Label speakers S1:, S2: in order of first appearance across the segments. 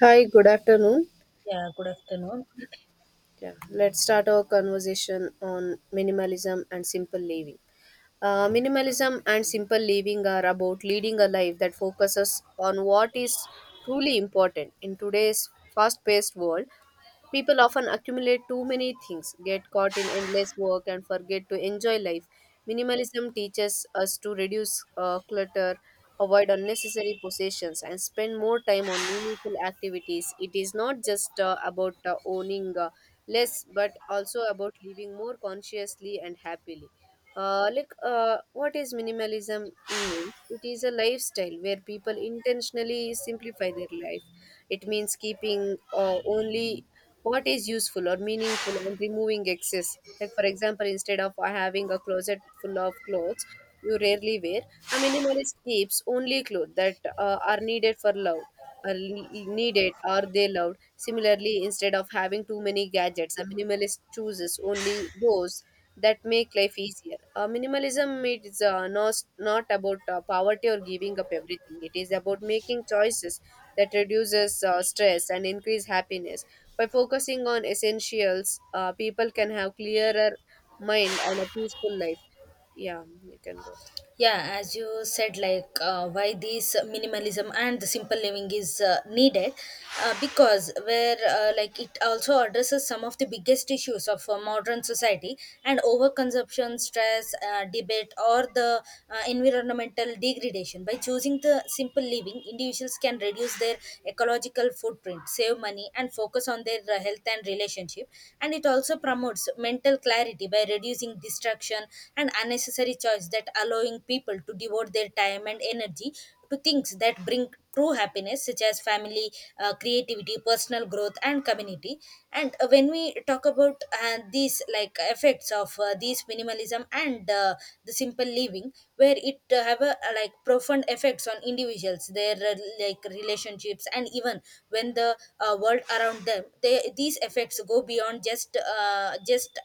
S1: Hi, good afternoon.
S2: Yeah, good afternoon.
S1: Yeah, let's start our conversation on minimalism and simple living. Minimalism and simple living are about leading a life that focuses on what is truly important. In today's fast paced world, people often accumulate too many things, get caught in endless work, and forget to enjoy life. Minimalism teaches us to reduce clutter, avoid unnecessary possessions, and spend more time on meaningful activities. It is not just about owning less, but also about living more consciously and happily. What is minimalism? Means? It is a lifestyle where people intentionally simplify their life. It means keeping only what is useful or meaningful and removing excess, like for example, instead of having a closet full of clothes you rarely wear, a minimalist keeps only clothes that are needed or they loved. Similarly, instead of having too many gadgets, a minimalist chooses only those that make life easier. Minimalism is not about poverty or giving up everything. It is about making choices that reduces stress and increase happiness. By focusing on essentials, people can have clearer mind and a peaceful life. Yeah, you can go ahead.
S2: Yeah, as you said, why this minimalism and the simple living is needed, because where like it also addresses some of the biggest issues of modern society and overconsumption, stress, debate, or the environmental degradation. By choosing the simple living, individuals can reduce their ecological footprint, save money, and focus on their health and relationship. And it also promotes mental clarity by reducing distraction confusion and unnecessary choice that allowing people to devote their time and energy to things that bring true happiness such as family, creativity, personal growth, and community. And When we talk about these like effects of these minimalism and the simple living, where it have a profound effects on individuals, their like relationships and even when the world around them, these effects go beyond just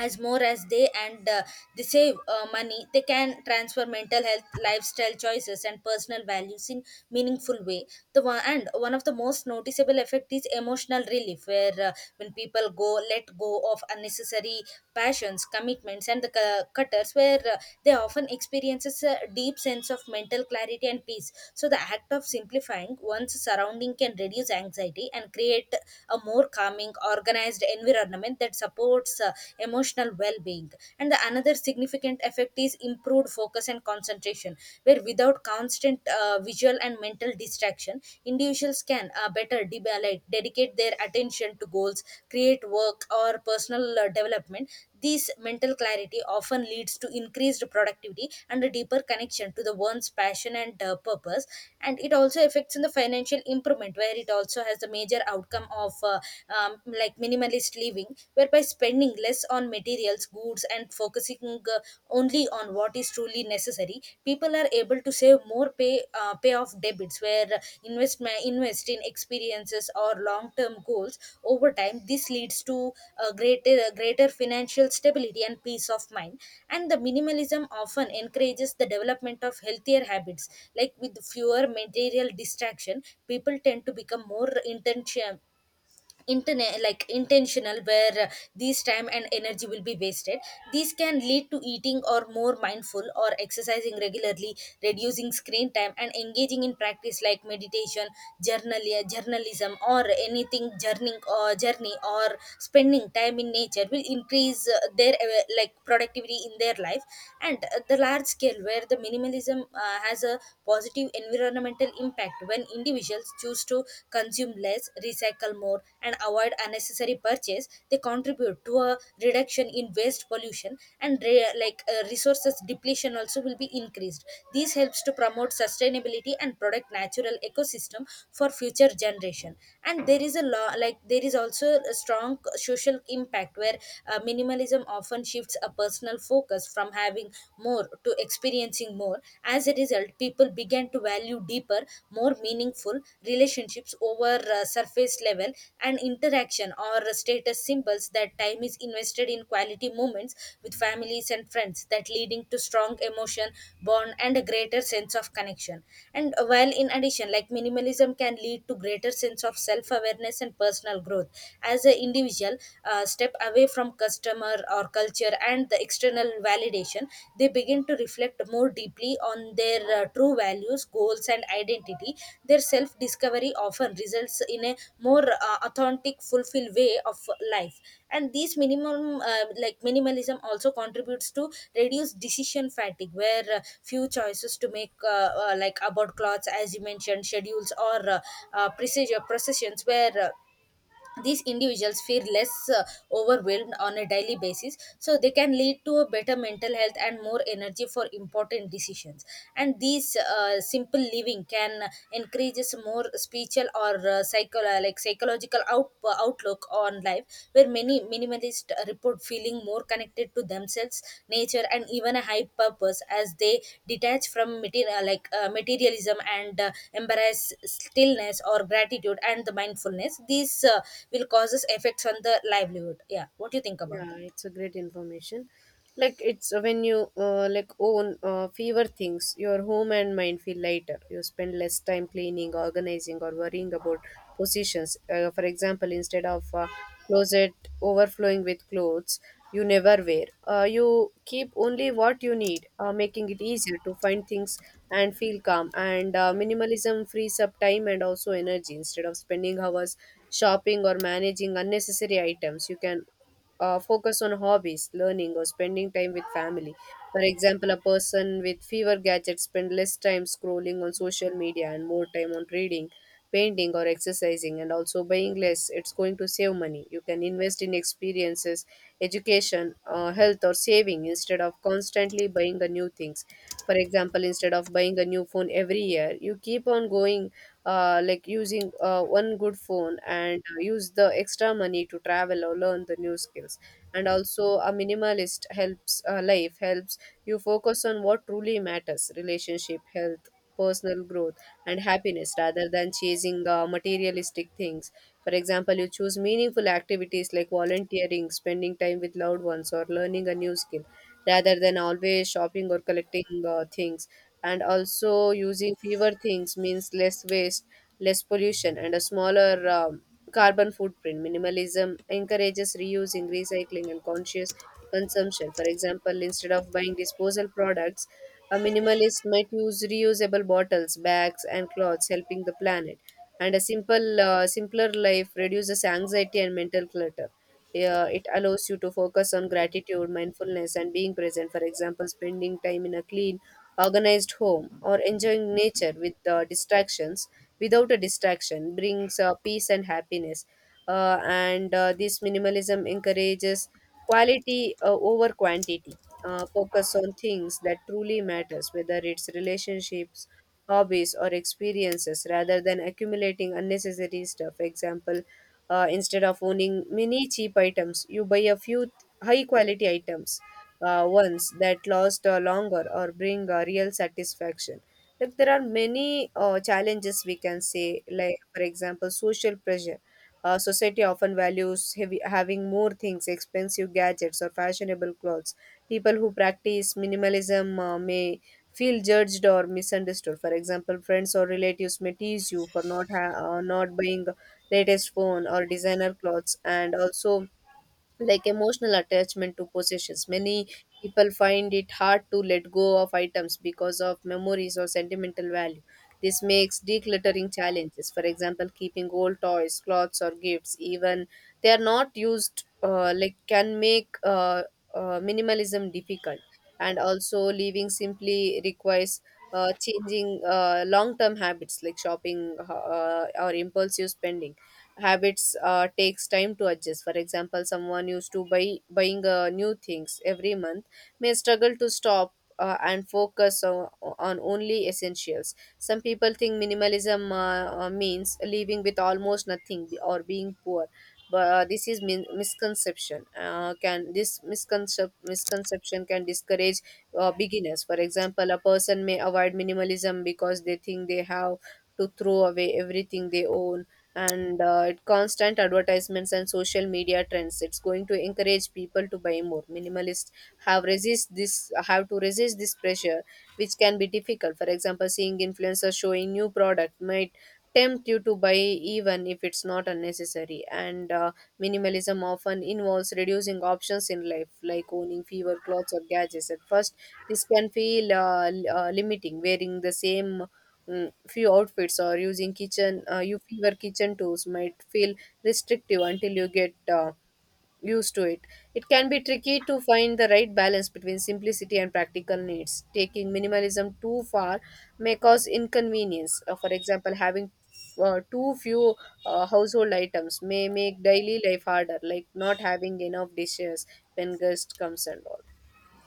S2: as more as they, and they save money. They can transfer mental health, lifestyle choices, and personal values in meaningful way. The one of the most noticeable effect is emotional relief, where when people go let go of unnecessary passions, commitments, and the cutters, where they often experiences a deep sense of mental clarity and peace. So the act of simplifying one's surrounding can reduce anxiety and create a more calming organized environment that supports emotional well-being. And the another significant effect is improved focus and concentration, where without constant visual and mental distraction, individuals can dedicate their attention to goals, create work or personal development. This mental clarity often leads to increased productivity and a deeper connection to the one's passion and purpose. And it also affects in the financial improvement, where it also has the major outcome of minimalist living, whereby spending less on materials, goods, and focusing only on what is truly necessary, people are able to save more, pay off debits, where invest invest in experiences or long term goals. Over time this leads to a greater financial stability and peace of mind. And the minimalism often encourages the development of healthier habits, like with fewer material distraction, people tend to become more intention internet like intentional, where these time and energy will be wasted. These can lead to eating or more mindful or exercising regularly, reducing screen time, and engaging in practice like meditation, journal journalism or anything journeying or journey or spending time in nature will increase their productivity in their life. And The large scale, where the minimalism has a positive environmental impact when individuals choose to consume less, recycle more, and avoid unnecessary purchase, they contribute to a reduction in waste pollution, and resources depletion also will be increased. This helps to promote sustainability and protect natural ecosystem for future generation. And there is also a strong social impact, where minimalism often shifts a personal focus from having more to experiencing more. As a result, people began to value deeper, more meaningful relationships over surface level and interaction or status symbols, that time is invested in quality moments with families and friends, that leading to strong emotion bond and a greater sense of connection. And while in addition, like minimalism can lead to greater sense of self awareness and personal growth, as an individual step away from customer or culture and the external validation, they begin to reflect more deeply on their true values, goals, and identity. Their self discovery often results in a more authentic fulfilled way of life. And these minimum like minimalism also contributes to reduce decision fatigue, where few choices to make about clothes, as you mentioned, schedules or procedure processions, where these individuals feel less overwhelmed on a daily basis, so they can lead to a better mental health and more energy for important decisions. And these simple living can encourages more spiritual or psychological outlook on life, where many minimalists report feeling more connected to themselves, nature, and even a high purpose, as they detach from material, materialism, and embrace stillness or gratitude and the mindfulness. These will causes effects on the livelihood. Yeah, what do you think about
S1: Yeah,
S2: that?
S1: it's a great information like it's When you like own fewer things, your home and mind feel lighter. You spend less time cleaning, organizing, or worrying about positions. For example, instead of closet overflowing with clothes you never wear, you keep only what you need, making it easier to find things and feel calm. And Minimalism frees up time and also energy. Instead of spending hours shopping or managing unnecessary items, you can focus on hobbies, learning, or spending time with family. For example, a person with fewer gadgets spend less time scrolling on social media and more time on reading, painting, or exercising, and also buying less. It's going to save money. You can invest in experiences, education, health, or saving instead of constantly buying the new things. For example, instead of buying a new phone every year, you keep on going using one good phone and use the extra money to travel or learn the new skills. And also, a minimalist helps life helps you focus on what truly matters: relationship, health, personal growth, and happiness rather than chasing materialistic things. For example, you choose meaningful activities like volunteering, spending time with loved ones, or learning a new skill rather than always shopping or collecting things. And also, using fewer things means less waste, less pollution, and a smaller carbon footprint. Minimalism encourages reusing, recycling, and conscious consumption. For example, instead of buying disposal products, a minimalist might use reusable bottles, bags, and clothes, helping the planet. And a simpler life reduces anxiety and mental clutter. Yeah, it allows you to focus on gratitude, mindfulness, and being present. For example, spending time in a clean, organized home or enjoying nature without a distraction brings peace and happiness. And This minimalism encourages quality over quantity. Focus on things that truly matters, whether it's relationships, hobbies, or experiences, rather than accumulating unnecessary stuff. Example, instead of owning many cheap items, you buy a few high quality items, ones that last longer or bring real satisfaction. Like there are many challenges we can say, like for example, social pressure. Society often values heavy, having more things, expensive gadgets, or fashionable clothes. People who practice minimalism may feel judged or misunderstood. For example, friends or relatives may tease you for not buying the latest phone or designer clothes. And also, like emotional attachment to possessions. Many people find it hard to let go of items because of memories or sentimental value. This makes decluttering challenges. For example, keeping old toys, clothes, or gifts, even they are not used, can make minimalism difficult. And also, living simply requires changing long-term habits like shopping or impulsive spending habits takes time to adjust. For example, someone used to buying new things every month may struggle to stop and focus on only essentials. Some people think minimalism means living with almost nothing or being poor, but this is misconception. Misconception can discourage beginners. For example, a person may avoid minimalism because they think they have to throw away everything they own. Constant advertisements and social media trends, it's going to encourage people to buy more. Minimalists have to resist this pressure, which can be difficult. For example, seeing influencers showing new product might tempt you to buy even if it's not unnecessary. And Minimalism often involves reducing options in life, like owning fewer clothes or gadgets at first. This can feel limiting. Wearing the same few outfits or using kitchen you fewer kitchen tools might feel restrictive until you get used to it. It can be tricky to find the right balance between simplicity and practical needs. Taking minimalism too far may cause inconvenience. For example, having too few household items may make daily life harder, like not having enough dishes when guest comes and all.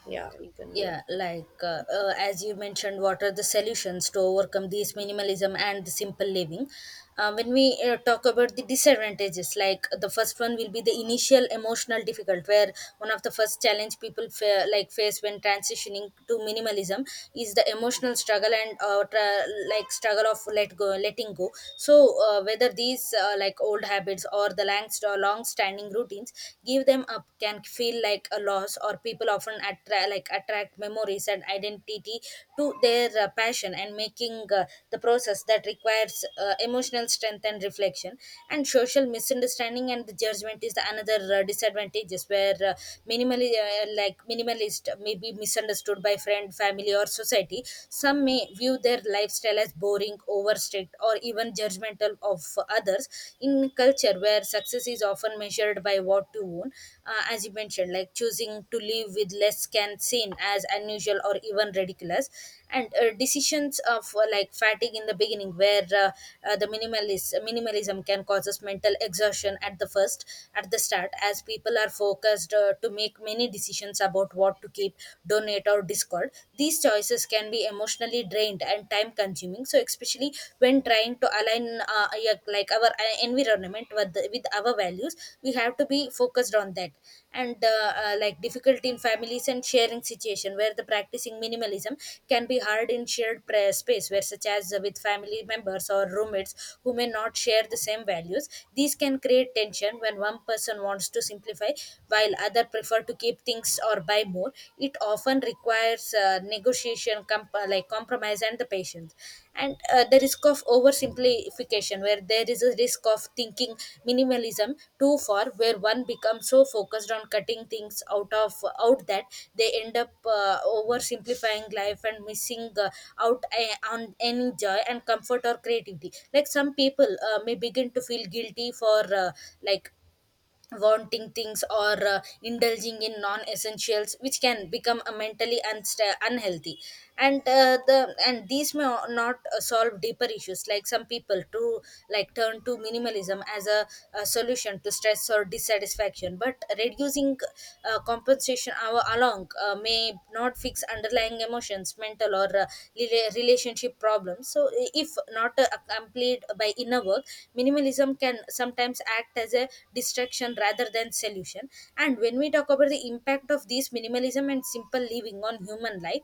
S1: Yeah, you can go ahead.
S2: Yeah, as you mentioned, what are the solutions to overcome these minimalism and the simple living? When we talk about the disadvantages, like the first one will be the initial emotional difficult, where one of the first challenge people face when transitioning to minimalism is the emotional struggle and struggle of letting go. So whether these like old habits or the long standing routines, give them up can feel like a loss, or people often attract memories and identity to their passion, and making the process that requires emotional strength and reflection. And social misunderstanding and the judgment is the another disadvantages, where minimally like minimalist may be misunderstood by friend, family, or society. Some may view their lifestyle as boring, overstrict, or even judgmental of others in culture where success is often measured by what you own. As you mentioned, like choosing to live with less can seem as unusual or even ridiculous. And Decisions of fatigue in the beginning, where the minimalist minimalism can cause us mental exhaustion at the start, as people are focused to make many decisions about what to keep, donate, or discard. These choices can be emotionally mentally drained and time consuming, so especially when trying to align our environment with our values. We have to be focused on that. And like difficulty in families and sharing situation, where the practicing minimalism can be hard in shared space, where such as with family members or roommates who may not share the same values. These can create tension when one person wants to simplify while other prefer to keep things or buy more. It often requires negotiation, compromise, and the patience. And The risk of oversimplification, where there is a risk of thinking minimalism too far, where one becomes so focused on cutting things out, that they end up oversimplifying life and missing on any joy and comfort or creativity. Like some people may begin to feel guilty for like wanting things, or indulging in non-essentials, which can become mentally unsta- unhealthy. And these may not solve deeper issues. Like some people to like turn to minimalism as a solution to stress or dissatisfaction, but reducing compensation our along may not fix underlying emotions, mental, or relationship problems. So if not accompanied by inner work, minimalism can sometimes act as a distraction rather than solution. And when we talk about the impact of these minimalism and simple living on human life,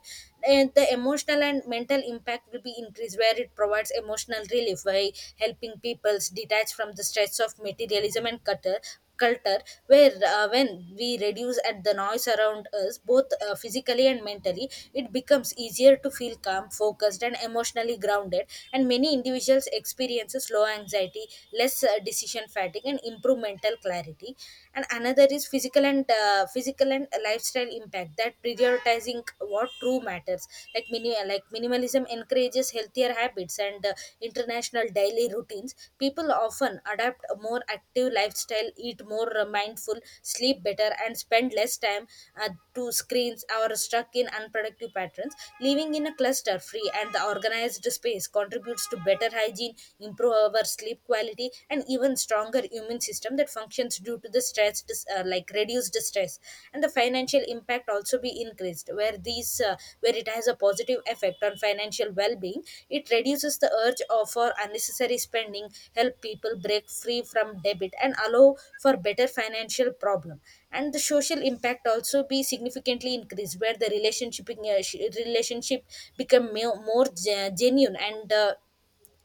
S2: and the emotional and mental impact will be increased, where it provides emotional relief by helping people detach from the stress of materialism and clutter culture, where when we reduce at the noise around us, both physically and mentally, it becomes easier to feel calm, focused, and emotionally grounded, and many individuals experiences low anxiety, less decision fatigue, and improve mental clarity. And another is physical and physical and lifestyle impact, that prioritizing what true matters. Like minimalism encourages healthier habits and international daily routines. People often adapt a more active lifestyle, eat more mindful, sleep better, and spend less time uh, to screens or stuck in unproductive patterns. Living in a cluster free and the organized space contributes to better hygiene, improve our sleep quality, and even stronger immune system that functions due to the stress, reduced stress. And the financial impact also be increased, where these where it has a positive effect on financial well-being. It reduces the urge of for unnecessary spending, help people break free from debit, and allow for better financial problem. And the social impact also be significantly increased, where the relationship become more genuine and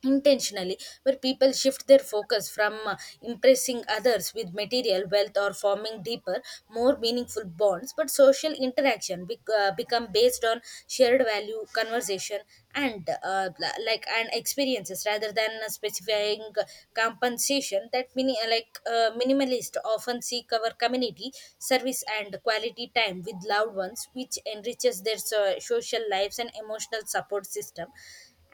S2: intentionally, where people shift their focus from impressing others with material wealth or forming deeper, more meaningful bonds, but social interaction become based on shared value conversation, and and experiences rather than specifying compensation. That minimalist often seek our community service and quality time with loved ones, which enriches their social lives and emotional support system.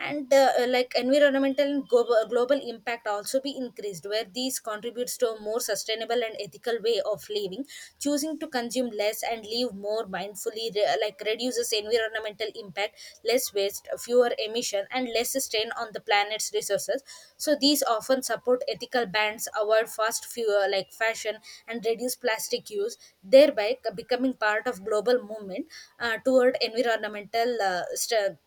S2: And environmental and global impact also be increased, where these contributes to a more sustainable and ethical way of living. Choosing to consume less and live more mindfully reduces environmental impact, less waste, fewer emission, and less strain on the planet's resources. So these often support ethical bans, avoid fast fuel like fashion, and reduce plastic use, thereby becoming part of global movement toward environmental uh, st-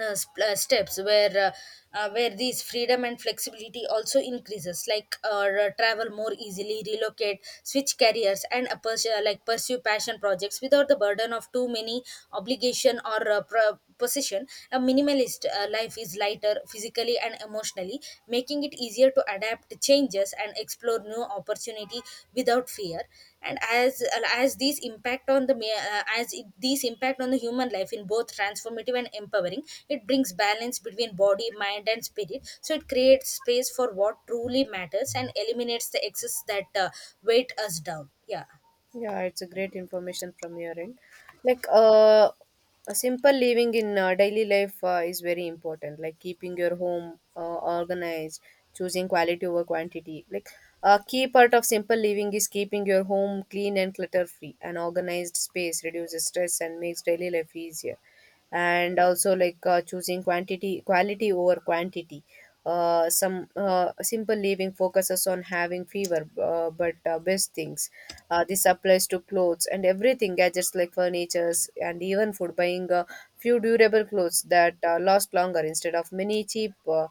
S2: uh, sp- uh, steps, where these freedom and flexibility also increases, like travel more easily, relocate, switch careers, and a pursue passion projects without the burden of too many obligation or possession. A minimalist life is lighter physically and emotionally, making it easier to adapt changes and explore new opportunity without fear. And as as these impact on the these impact on the human life in both transformative and empowering, it brings balance between body, mind, and spirit. So it creates space for what truly matters and eliminates the excess that weight us down. Yeah.
S1: Yeah, it's a great information from your end. Like, a simple living in daily life is very important. Like keeping your home organized, choosing quality over quantity. Like a key part of simple living is keeping your home clean and clutter free. An organized space reduces stress and makes daily life easier. And also, like choosing quality over quantity. Some simple living focuses on having fewer but best things. This applies to clothes and everything: gadgets like furnitures and even food. Buying a few durable clothes that last longer instead of many cheap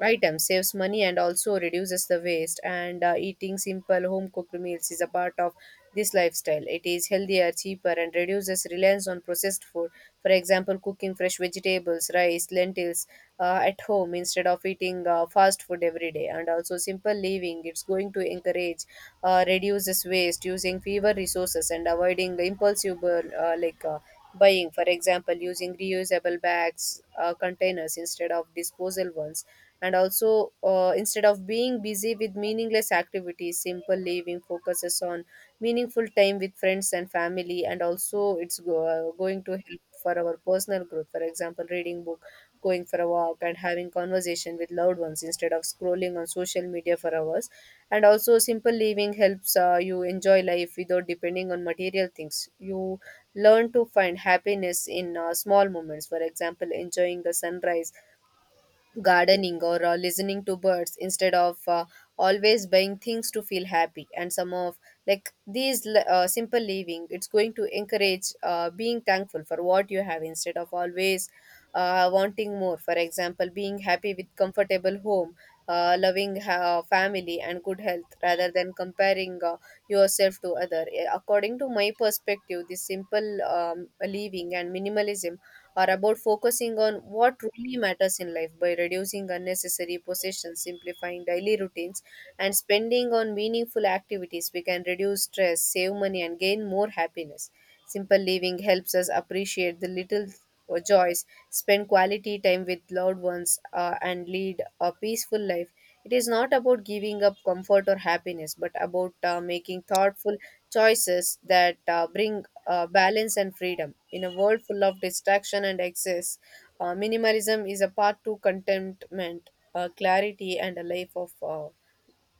S1: items saves money and also reduces the waste. And Eating simple home cooked meals is a part of this lifestyle. It is healthier, cheaper, and reduces reliance on processed food. For example, cooking fresh vegetables, rice, lentils at home instead of eating fast food every day. And also, simple living, it's going to encourage reduces waste, using fewer resources, and avoiding the impulsive buying. For example, using reusable bags, containers instead of disposal ones. And also, instead of being busy with meaningless activities, simple living focuses on meaningful time with friends and family. And also, going to help for our personal growth. For example, reading books, going for a walk, and having conversation with loved ones instead of scrolling on social media for hours. And also, simple living helps you enjoy life without depending on material things. You learn to find happiness in small moments. For example, enjoying the sunrise, gardening, or listening to birds instead of always buying things to feel happy. And some of like these l- simple living, it's going to encourage being thankful for what you have instead of always wanting more. For example, being happy with comfortable home, loving family and good health rather than comparing yourself to other. According to my perspective, this simple living and minimalism are about focusing on what truly matters in life. By reducing unnecessary possessions, simplifying daily routines, and spending on meaningful activities, we can reduce stress, save money, and gain more happiness. Simple living helps us appreciate the little joys, spend quality time with loved ones, and lead a peaceful life. It is not about giving up comfort or happiness, but about making thoughtful choices that bring balance and freedom. In a world full of distraction and excess, minimalism is a path to contentment, clarity, and a life of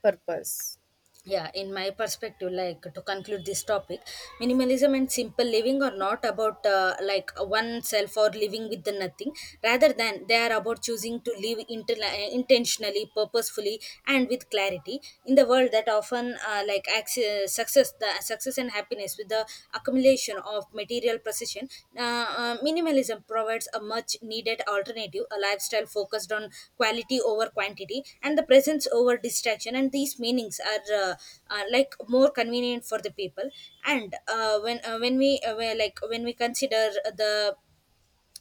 S1: purpose.
S2: Yeah, in my perspective, like to conclude this topic, minimalism and simple living are not about oneself or living with the nothing, rather than they are about choosing to live intentionally, purposefully, and with clarity in the world that often success the success and happiness with the accumulation of material possession. Minimalism provides a much needed alternative, a lifestyle focused on quality over quantity and the presence over distraction. And these meanings are more convenient for the people. And when we- like when we consider the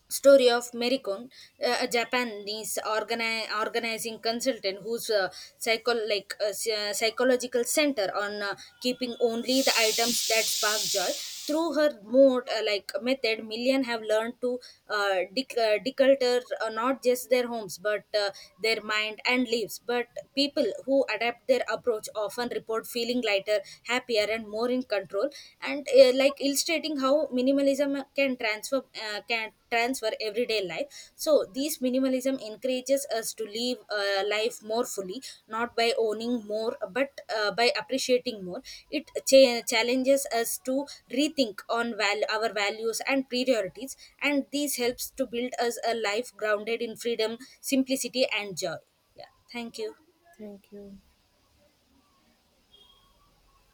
S2: story of Merikon, a Japanese organizing consultant, whose psychological center on keeping only the items that spark joy. Through her mode, like method, million have learned to declutter not just their homes but their mind and lives. But people who adapt their approach often report feeling lighter, happier, and more in control, and like illustrating how minimalism can transfer everyday life. So these minimalism encourages us to live life more fully, not by owning more but by appreciating more. It challenges us to rethink on our values and priorities, and this helps to build us a life grounded in freedom, simplicity, and joy. Yeah, thank you.
S1: Thank you.